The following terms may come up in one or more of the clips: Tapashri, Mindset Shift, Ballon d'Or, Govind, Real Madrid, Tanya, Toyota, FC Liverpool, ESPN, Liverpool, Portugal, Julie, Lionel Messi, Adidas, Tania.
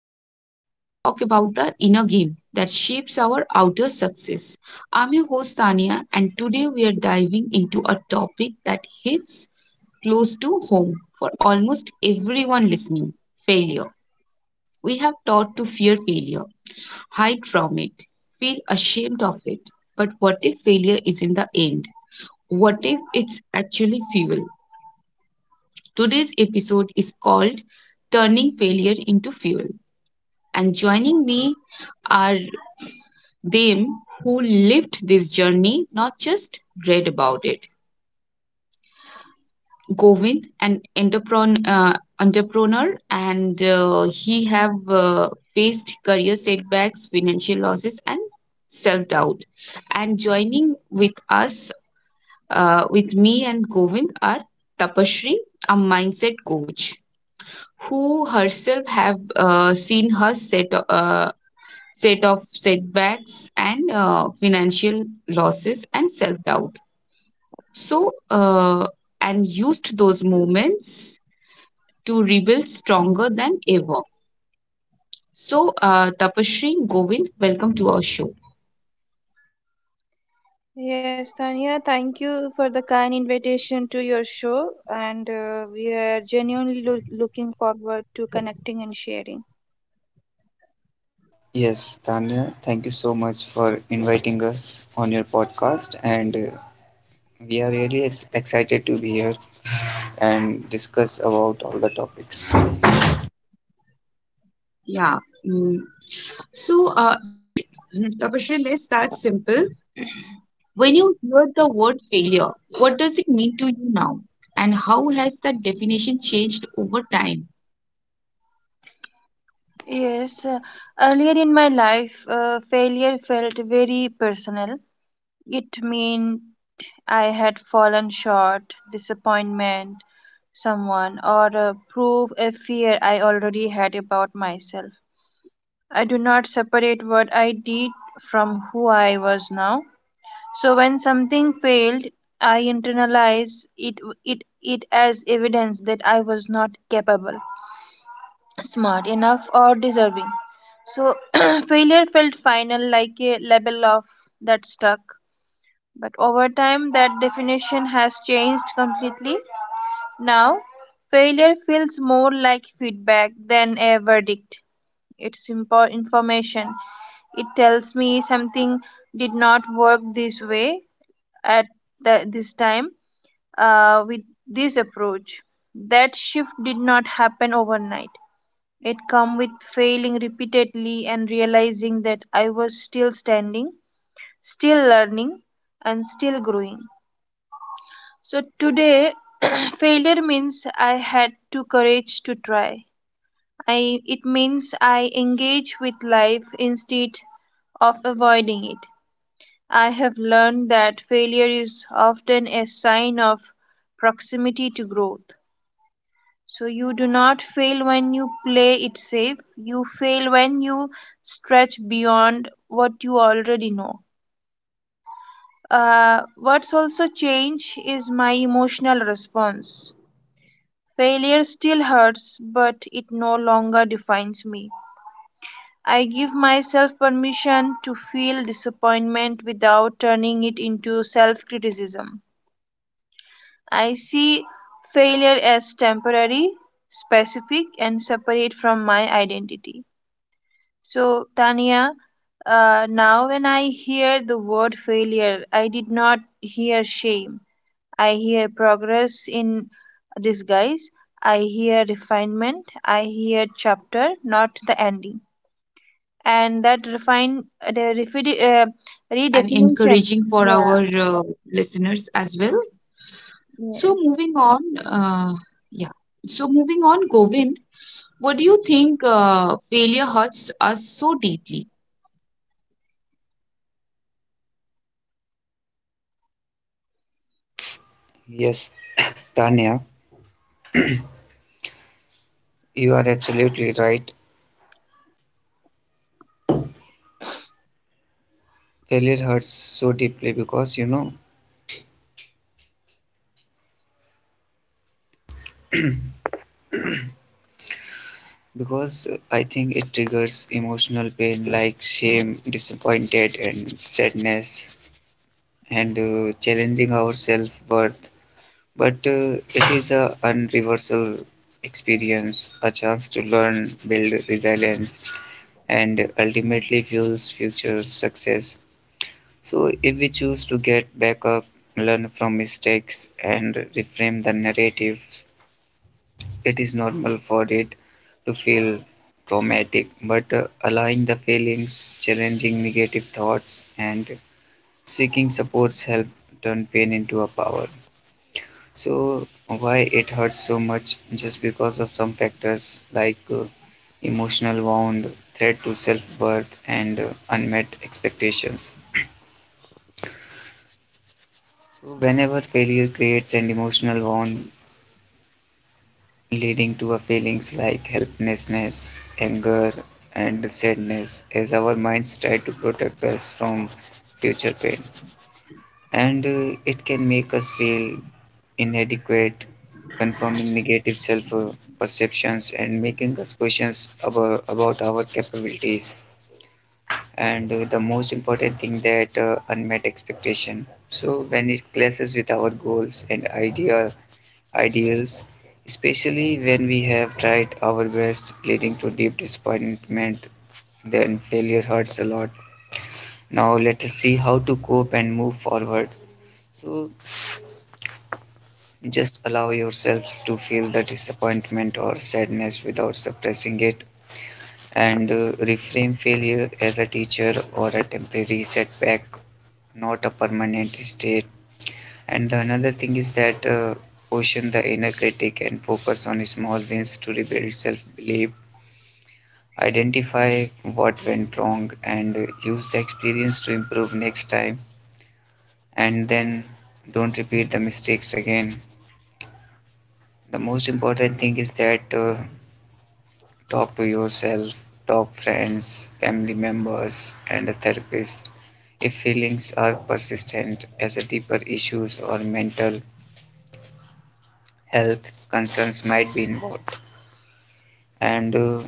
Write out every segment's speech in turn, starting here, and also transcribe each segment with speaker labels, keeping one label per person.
Speaker 1: where we talk about the inner game that shapes our outer success. I'm your host, Tania, and today we are diving into a topic that hits close to home for almost everyone listening: failure. We have taught to fear failure, hide from it, feel ashamed of it. But what if failure is in the end? What if it's actually fuel? Today's episode is called Turning Failure into Fuel. And joining me are them who lived this journey, not just read about it. Govind, an entrepreneur and he have faced career setbacks, financial losses, and self doubt. And joining with me and Govind, are Tapashri, a mindset coach, who herself have seen her uh, set of setbacks and financial losses and self doubt. So, and used those moments to rebuild stronger than ever. So, Tapashri, Govind, welcome to our show.
Speaker 2: Yes, Tanya, thank you for the kind invitation to your show, and we are genuinely looking forward to connecting and sharing.
Speaker 3: Yes, Tanya, thank you so much for inviting us on your podcast, and we are really excited to be here and discuss about all the topics.
Speaker 1: Yeah. Mm. So, Tapashri, let's start simple. When you hear the word failure, what does it mean to you now? And how has that definition changed over time?
Speaker 2: Yes, uh, Earlier in my life, failure felt very personal. It meant I had fallen short, disappointment, someone, or prove a fear I already had about myself. I do not separate what I did from who I was now. So when something failed, I internalized it as evidence that I was not capable, smart enough, or deserving. So failure felt final, like a label of that stuck. But over time, that definition has changed completely. Now, failure feels more like feedback than a verdict. It's information. It tells me something did not work this way at this time with this approach. That shift did not happen overnight. It came with failing repeatedly and realizing that I was still standing, still learning, and still growing. So today, failure means I had to courage to try. It means I engage with life instead of avoiding it. I have learned that failure is often a sign of proximity to growth. So you do not fail when you play it safe, you fail when you stretch beyond what you already know. What's also changed is my emotional response. Failure still hurts, but it no longer defines me. I give myself permission to feel disappointment without turning it into self criticism. I see failure as temporary, specific, and separate from my identity. So, Tanya, now when I hear the word failure, I did not hear shame. I hear progress
Speaker 1: Yes,
Speaker 2: in
Speaker 1: Tapashri.
Speaker 2: disguise. I hear refinement. I hear chapter, not
Speaker 1: Well,
Speaker 2: the ending.
Speaker 1: thank you for this
Speaker 2: And that
Speaker 1: explanation. It was quite insightful and
Speaker 2: redefinition.
Speaker 1: encouraging for
Speaker 2: Yeah.
Speaker 1: our uh, listeners as well. So,
Speaker 2: Yes.
Speaker 1: moving on, yeah. So, moving on, Govind, what do you think failure hurts us so deeply?
Speaker 3: Yes, Tanya, you are absolutely right. Failure hurts so deeply because because I think it triggers emotional pain like shame, disappointed, and sadness, and challenging our self worth. But it is a unreversible experience, a chance to learn, build resilience, and ultimately fuels future success. So, if we choose to get back up, learn from mistakes, and reframe the narrative, it is normal for it to feel traumatic. But allowing the feelings, challenging negative thoughts, and seeking supports help turn pain into a power. So why it hurts so much just because of some factors like emotional wound, threat to self-worth, and unmet expectations. So whenever failure creates an emotional wound leading to a feelings like helplessness, anger, and sadness as our minds try to protect us from future pain. And it can make us feel inadequate, confirming negative self-perceptions and making us questions about our capabilities. And the most important thing that unmet expectation. So when it clashes with our goals and ideals, especially when we have tried our best, leading to deep disappointment, then failure hurts a lot. Now let us see how to cope and move forward. So just allow yourself to feel the disappointment or sadness without suppressing it, and reframe failure as a teacher or a temporary setback, not a permanent state. And the another thing is that caution the inner critic and focus on small wins to rebuild self belief. Identify what went wrong and use the experience to improve next time, and then don't repeat the mistakes again. The most important thing is that talk to yourself, talk friends, family members, and a therapist. If feelings are persistent as a deeper issues or mental health concerns might be involved. And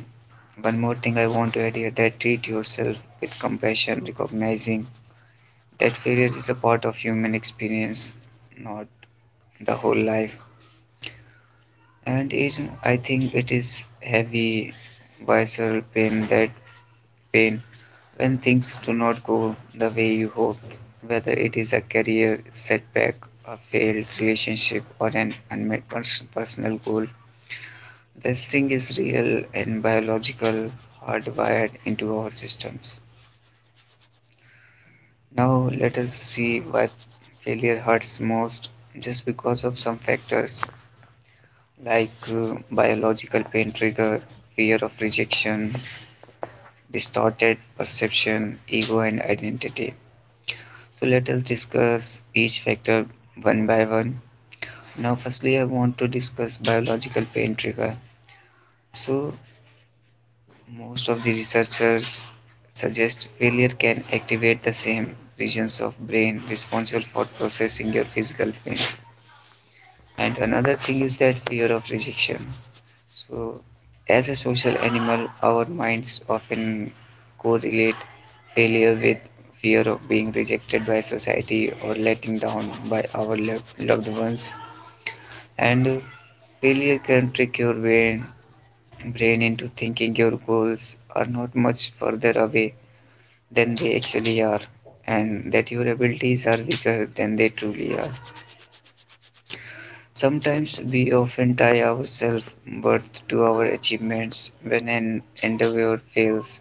Speaker 3: one more thing I want to add here that treat yourself with compassion, recognizing that failure is a part of human experience, not the whole life. And it, I think it is heavy visceral pain when things do not go the way you hoped, whether it is a career setback, a failed relationship, or an unmet personal goal. The sting is real and biological, hardwired into our systems. Now, let us see why failure hurts most just because of some factors like biological pain trigger, fear of rejection, distorted perception, ego, and identity. So let us discuss each factor one by one. Now, firstly, I want to discuss biological pain trigger. So, most of the researchers suggest failure can activate the same regions of brain responsible for processing your physical pain. And another thing is that fear of rejection. So, as a social animal, our minds often correlate failure with fear of being rejected by society or letting down by our loved ones. And failure can trick your brain into thinking your goals are not much further away than they actually are, and that your abilities are weaker than they truly are. Sometimes we often tie our self-worth to our achievements. When an endeavor fails,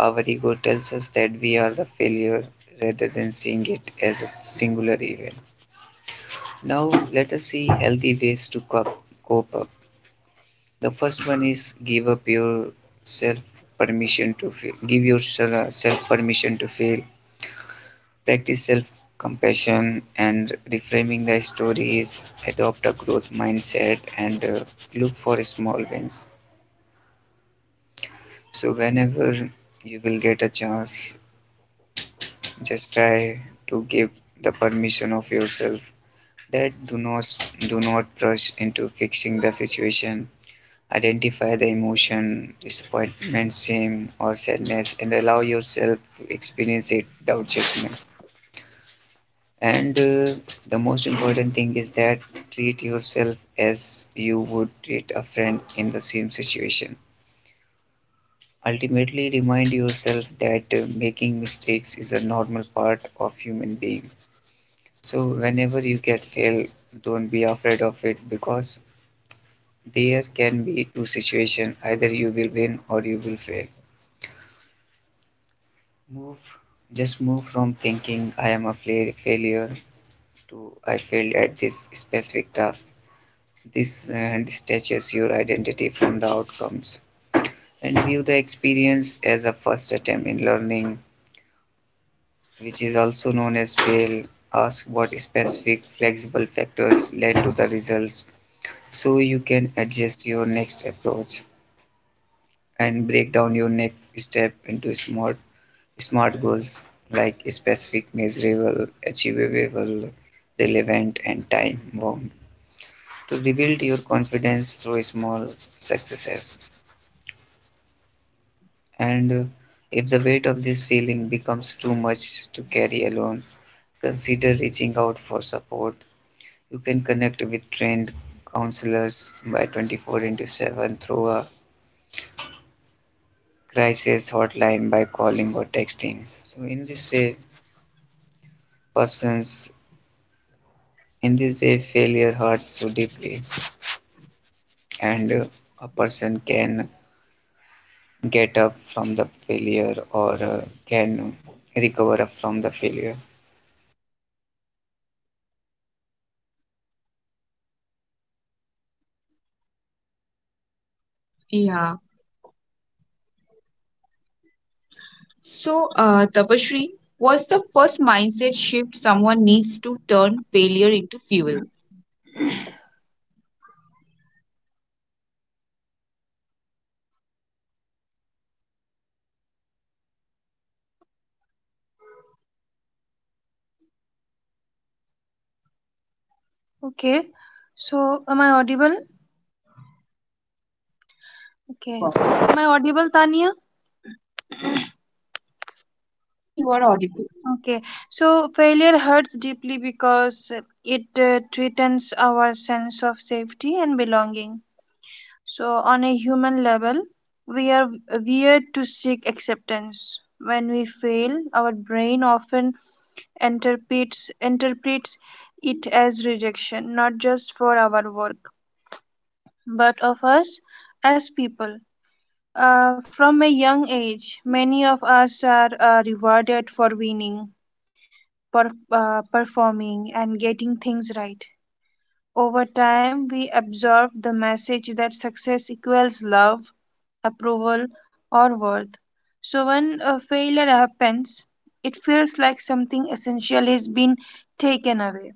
Speaker 3: our ego tells us that we are the failure rather than seeing it as a singular event. Now, let us see healthy ways to cope up. The first one is give up yourself permission to fail. Give yourself permission to fail. Practice self-compassion and reframing the stories, adopt a growth mindset, and look for small wins. So, whenever you will get a chance, just try to give the permission of yourself that do not rush into fixing the situation. Identify the emotion, disappointment, shame, or sadness, and allow yourself to experience it without judgment. And the most important thing is that treat yourself as you would treat a friend in the same situation. Ultimately, remind yourself that making mistakes is a normal part of human being. So whenever you get fail, don't be afraid of it because there can be two situations: either you will win or you will fail. Move, just move from thinking I am a failure to I failed at this specific task. This detaches your identity from the outcomes and view the experience as a first attempt in learning, which is also known as fail. Ask what specific flexible factors led to the results so you can adjust your next approach and break down your next step into smart goals like specific, measurable, achievable, relevant and time bound to rebuild your confidence through small successes. And if the weight of this feeling becomes too much to carry alone, consider reaching out for support. You can connect with trained counselors by 24 into 7 through a crisis hotline by calling or texting. So in this way, persons in this way failure hurts so deeply, and a person can get up from the failure or can recover up from the failure.
Speaker 1: Yeah. So, Tapashri, what's the first mindset shift someone needs to turn failure into fuel?
Speaker 2: Okay. So, am I audible?
Speaker 1: Yes, you
Speaker 2: Okay.
Speaker 1: are.
Speaker 2: Am I audible, Tanya?
Speaker 1: Tapashri, you are audible.
Speaker 2: Okay, so failure hurts deeply because it threatens our sense of safety and belonging. So, on a human level, we are weird to seek acceptance. When we fail, our brain often interprets it as rejection, not just for our work, but of us as people. From a young age, many of us are rewarded for winning performing, and getting things right. Over time, we absorb the message that success equals love, approval, or worth. So, when a failure happens, it feels like something essential has been taken away.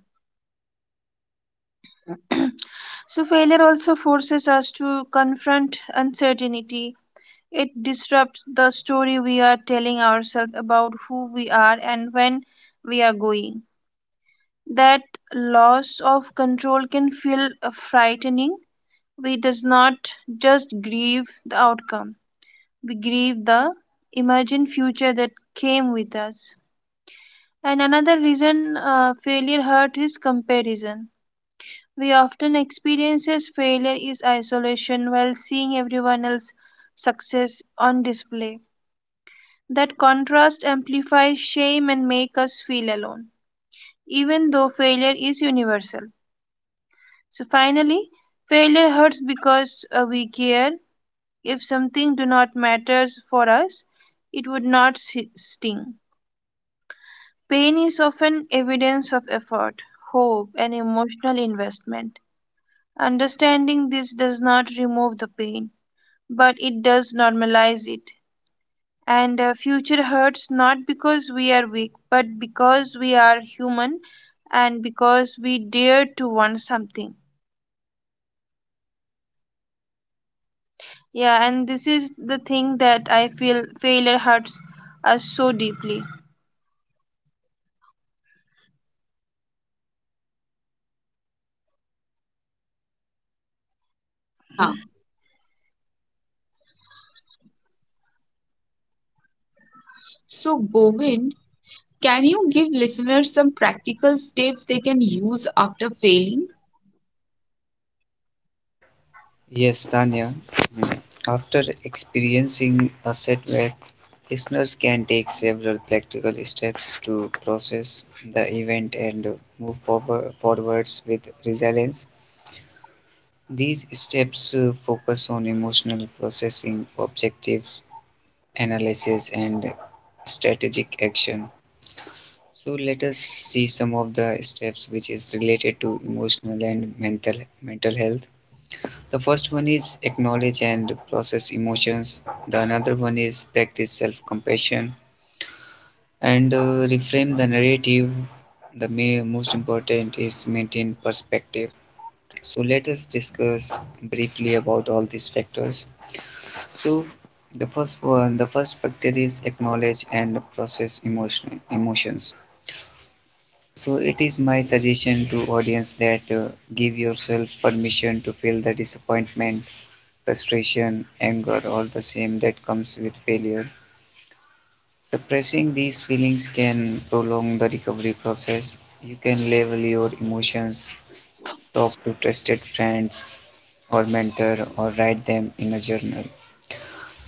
Speaker 2: So, failure also forces us to confront uncertainty. It disrupts the story we are telling ourselves about who we are and when we are going. That loss of control can feel frightening. We does not just grieve the outcome, we grieve the imagined future that came with us. And another reason failure hurt is comparison. We often experiences failure is isolation while seeing everyone else success on display. That contrast amplifies shame and make us feel alone even though failure is universal. So finally, failure hurts because we care. If something do not matters for us, it would not sting. Pain is often evidence of effort, hope, and emotional investment. Understanding this does not remove the pain, but it does normalize it. And future hurts not because we are weak, but because we are human and because we dare to want something. Yeah, and this is the thing that I feel failure hurts us so deeply.
Speaker 1: Yeah. So, Govind, can you give listeners some practical steps they can use after failing?
Speaker 3: Yes, Tanya. Mm. After experiencing a setback, listeners can take several practical steps to process the event and move forwards with resilience. These steps focus on emotional processing, objective analysis, and strategic action. So let us see some of the steps which is related to emotional and mental health. The first one is acknowledge and process emotions. The another one is practice self-compassion and reframe the narrative. The most important is maintain perspective. So let us discuss briefly about all these factors. So the first one, the first factor is acknowledge and process emotions. So it is my suggestion to audience that give yourself permission to feel the disappointment frustration, anger, or the shame that comes with failure. Suppressing these feelings can prolong the recovery process. You can label your emotions, talk to trusted friends or mentor, or write them in a journal.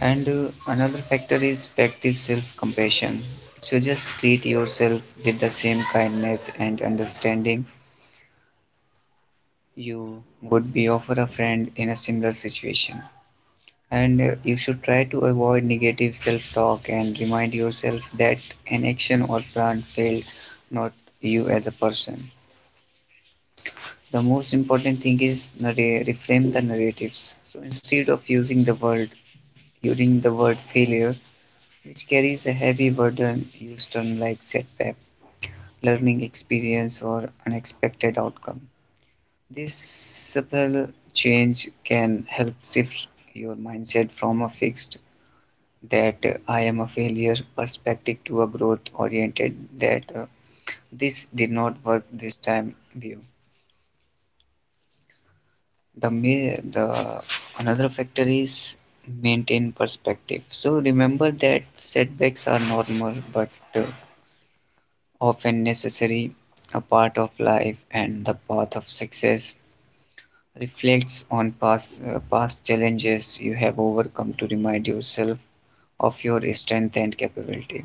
Speaker 3: And another factor is practice self compassion. So just treat yourself with the same kindness and understanding you would be offer a friend in a similar situation. And you should try to avoid negative self talk and remind yourself that an action or plan failed, not you as a person. The most important thing is reframe the narratives. So instead of using the word failure, which carries a heavy burden, use terms like setback, learning experience, or unexpected outcome. This subtle change can help shift your mindset from a fixed that I am a failure perspective to a growth oriented that this did not work this time view. The another factor is maintain perspective. So remember that setbacks are normal but often necessary, a part of life and the path of success. Reflects on past challenges you have overcome to remind yourself of your strength and capability.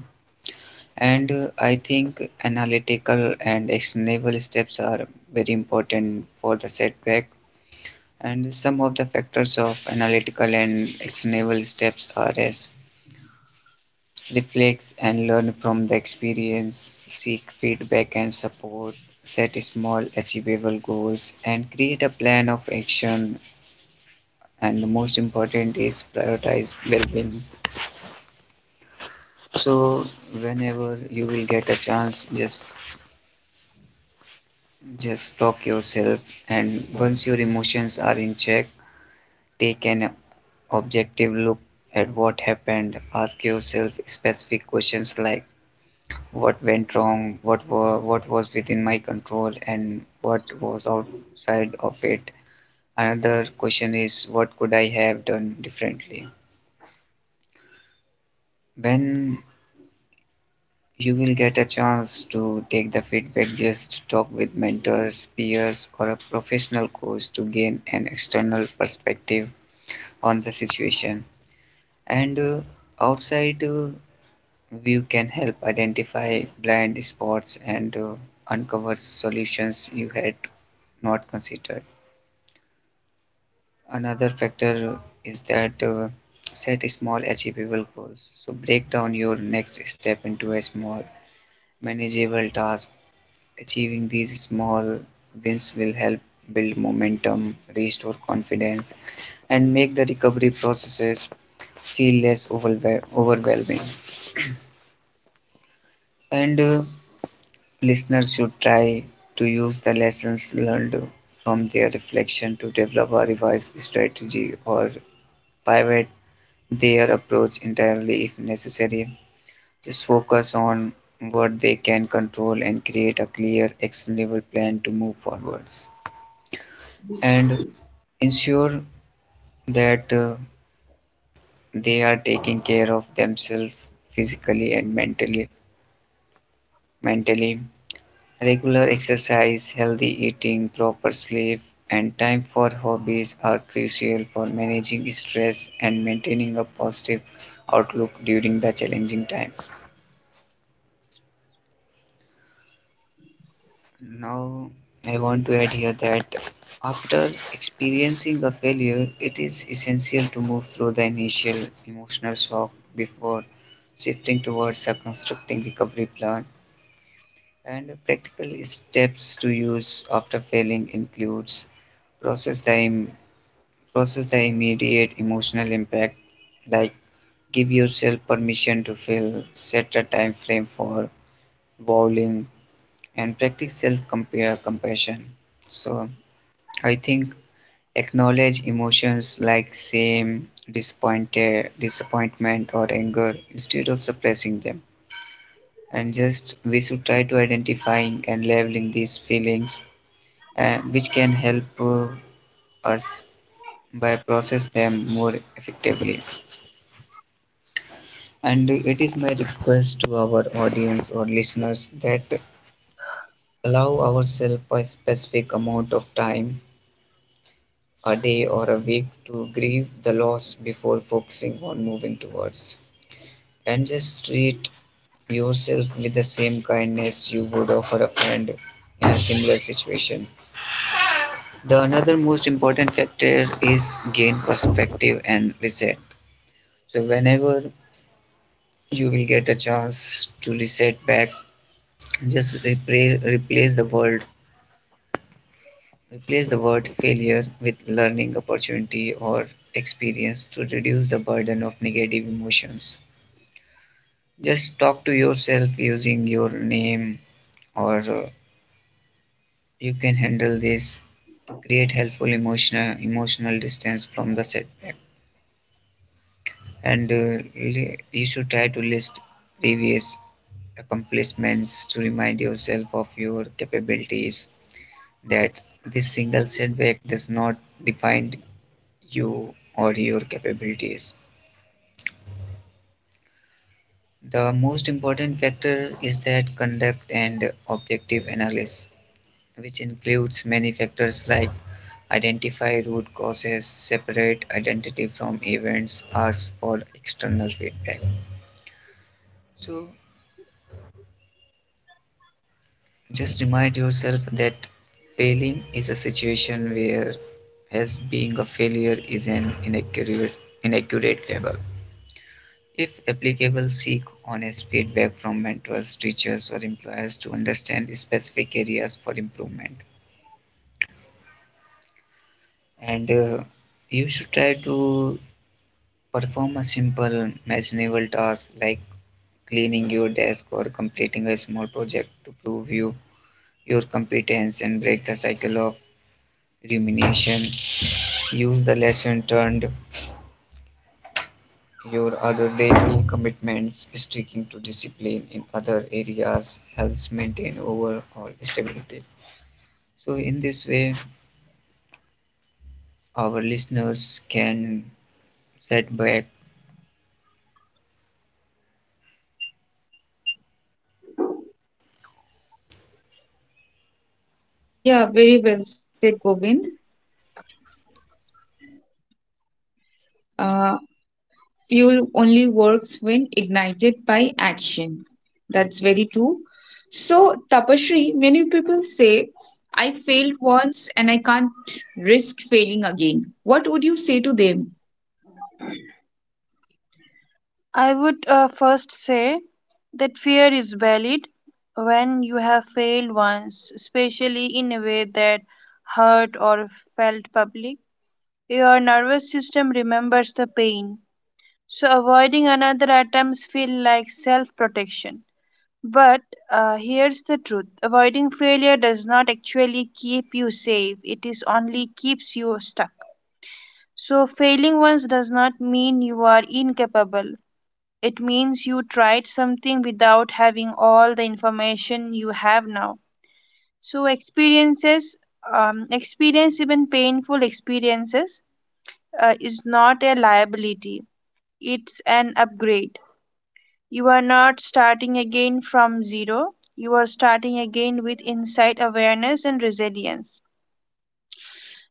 Speaker 3: And I think analytical and actionable steps are very important for the setback. And some of the factors of analytical and actionable steps are as reflect and learn from the experience, seek feedback and support, set small achievable goals, and create a plan of action. And the most important is prioritize well being. So, whenever you will get a chance, just talk yourself, and once your emotions are in check, take an objective look at what happened. Ask yourself specific questions like what went wrong, what was within my control, and what was outside of it. Another question is what could I have done differently? When you will get a chance to take the feedback, just talk with mentors, peers, or a professional coach to gain an external perspective on the situation, and outside view can help identify blind spots and uncover solutions you had not considered. Another factor is that set small achievable goals, so break down your next step into a small manageable task. Achieving these small wins will help build momentum, restore confidence, and make the recovery processes feel less overwhelming. And listeners should try to use the lessons learned from their reflection to develop a revised strategy or pivot their approach entirely if necessary. Just focus on what they can control and create a clear, actionable plan to move forwards. And ensure that they are taking care of themselves physically and mentally. Regular exercise, healthy eating, proper sleep, and time for hobbies are crucial for managing stress and maintaining a positive outlook during the challenging time. Now, I want to add here that after experiencing a failure, it is essential to move through the initial emotional shock before shifting towards a constructing recovery plan. And practical steps to use after failing includes process time process the immediate emotional impact, like give yourself permission to feel, set a time frame for bowling, and practice self compassion. So, I think acknowledge emotions like shame, disappointed, disappointment, or anger instead of suppressing them. And just we should try to identifying and labeling these feelings, and which can help us by process them more effectively. And it is my request to our audience or listeners that allow ourselves a specific amount of time, a day or a week, to grieve the loss before focusing on moving towards. And just treat yourself with the same kindness you would offer a friend in a similar situation. The another most important factor is gain perspective and reset. So whenever you will get a chance to reset back, just replace the word failure with learning opportunity or experience to reduce the burden of negative emotions. Just talk to yourself using your name or you can handle this to create helpful emotional distance from the setback, and you should try to list previous accomplishments to remind yourself of your capabilities, that this single setback does not define you or your capabilities. The most important factor is that conduct and objective analysis, which includes many factors like identify root causes, separate identity from events, ask for external feedback. So just remind yourself that failing is a situation where as being a failure is an inaccurate label. If applicable, seek honest feedback from mentors, teachers, or employers to understand specific areas for improvement. And you should try to perform a simple, manageable task like cleaning your desk or completing a small project to prove you your competence and break the cycle of rumination. Use the lesson learned, your other daily commitments, sticking to discipline in other areas helps maintain overall stability. So, in this way, our listeners can set back.
Speaker 1: Yeah, very well said, Govind. Uh, Fuel only works when ignited by action. That's very true. So, Tapasri, many people say, I failed once and I can't risk failing again. What would you say to them?
Speaker 2: I would first say that fear is valid when you have failed once, especially in a way that hurt or felt public. Your nervous system remembers the pain, so avoiding another attempts feel like self-protection. But here's the truth: avoiding failure does not actually keep you safe. It is only keeps you stuck. So, failing once does not mean you are incapable. It means you tried something without having all the information you have now. So, experience, even painful experiences, is not a liability, it's an upgrade. You are not starting again from zero, you are starting again with insight, awareness, and resilience.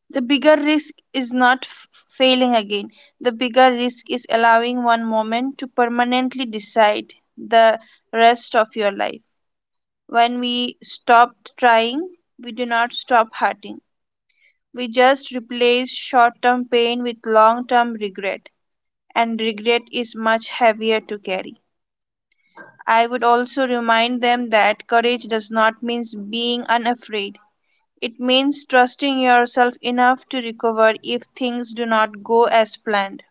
Speaker 2: The bigger risk is not failing again. The bigger risk is allowing one moment to permanently decide the rest of your life. When we stop trying, we do not stop hurting. We just replace short term pain with long term regret, and regret is much heavier to carry. I would also remind them that courage does not mean being unafraid. It means trusting yourself enough to recover if things do not go as planned.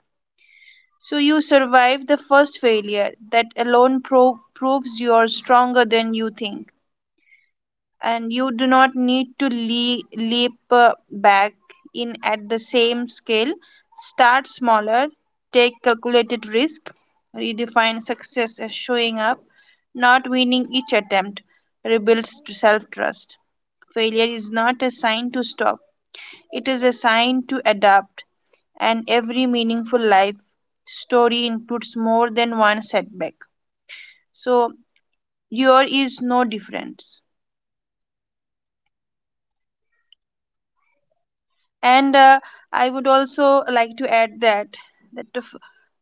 Speaker 2: So you survive the first failure. That alone proves you are stronger than you think, and you do not need to leap back in at the same scale. Start smaller, take calculated risk, redefine success as showing up, not winning each attempt, rebuilds self trust. Failure is not a sign to stop, it is a sign to adapt, and every meaningful life story includes more than one setback. So, your is no difference. And I would also like to add that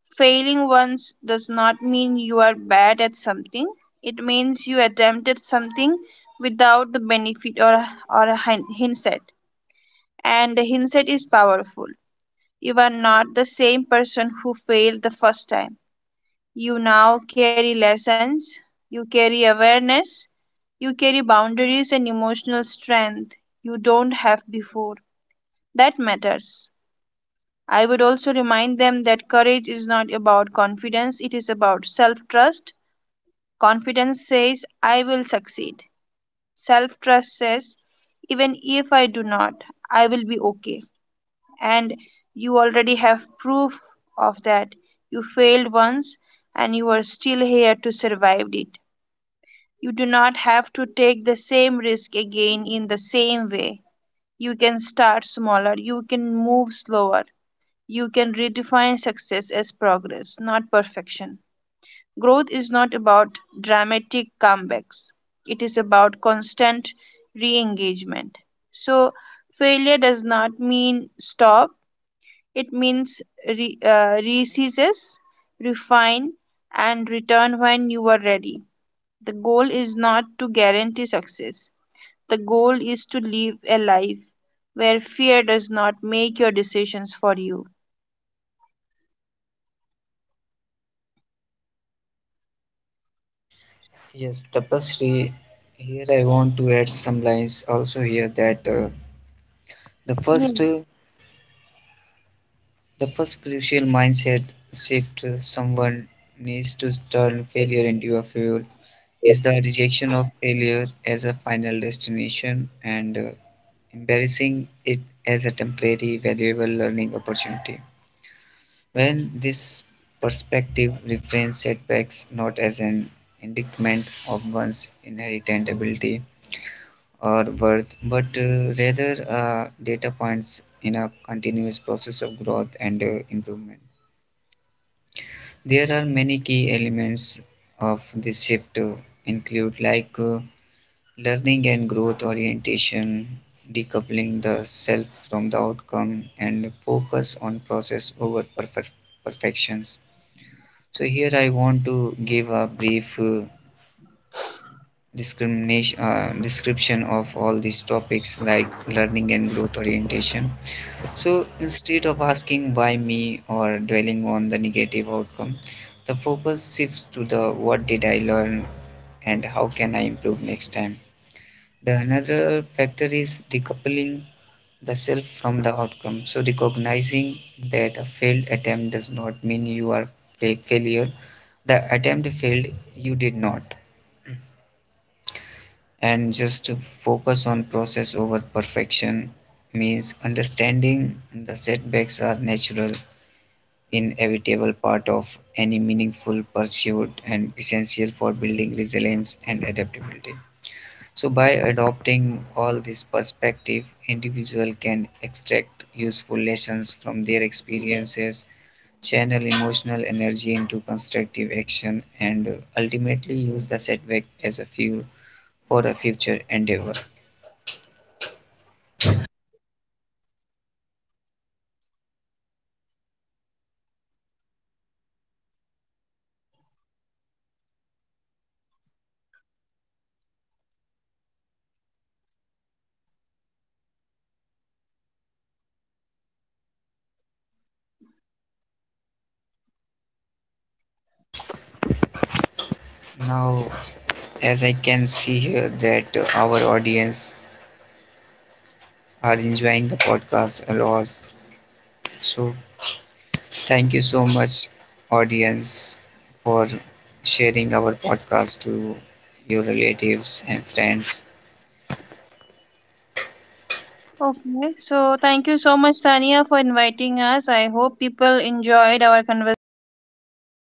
Speaker 2: failing once does not mean you are bad at something. It means you attempted something without the benefit or a hindsight, and the hindsight is powerful. You are not the same person who failed the first time. You now carry lessons, you carry awareness, you carry boundaries and emotional strength you don't have before. That matters. I would also remind them that courage is not about confidence, it is about self trust. Confidence says, I will succeed. Self trust says, even if I do not, I will be okay. And you already have proof of that. You failed once and you are still here to survive it. You do not have to take the same risk again in the same way. You can start smaller, you can move slower, you can redefine success as progress, not perfection. Growth is not about dramatic comebacks, it is about constant re engagement. So, failure does not mean stop, it means reseize, refine, and return when you are ready. The goal is not to guarantee success. The goal is to live a life where fear does not make your decisions for you.
Speaker 3: Yes, Tapasri, here I want to add some lines also here that the
Speaker 2: Yeah.
Speaker 3: first uh, the first crucial mindset shift someone needs to turn failure into a fuel is the rejection of failure as a final destination, and embarrassing it as a temporary valuable learning opportunity. When this perspective reframes setbacks not as an indictment of one's inherent ability or worth, but rather data points in a continuous process of growth and improvement. There are many key elements of this shift, include like learning and growth orientation, decoupling the self from the outcome, and focus on process over perfections. So here I want to give a brief discrimination description of all these topics like learning and growth orientation. So instead of asking why me or dwelling on the negative outcome, the focus shifts to the what did I learn and how can I improve next time. The another factor is decoupling the self from the outcome. So recognizing that a failed attempt does not mean you are a failure. The attempt failed, you did not. And just to focus on process over perfection means understanding the setbacks are natural, inevitable part of any meaningful pursuit and essential for building resilience and adaptability. So by adopting all this perspective, individual can extract useful lessons from their experiences, channel emotional energy into constructive action, and ultimately use the setback as a fuel for a future endeavor. Now, as I can see here that our audience are enjoying the podcast a lot, so thank you so much, audience, for sharing our podcast to your relatives and friends.
Speaker 2: Okay. So thank you so much, Tania, for inviting us. I hope people enjoyed our conversation and get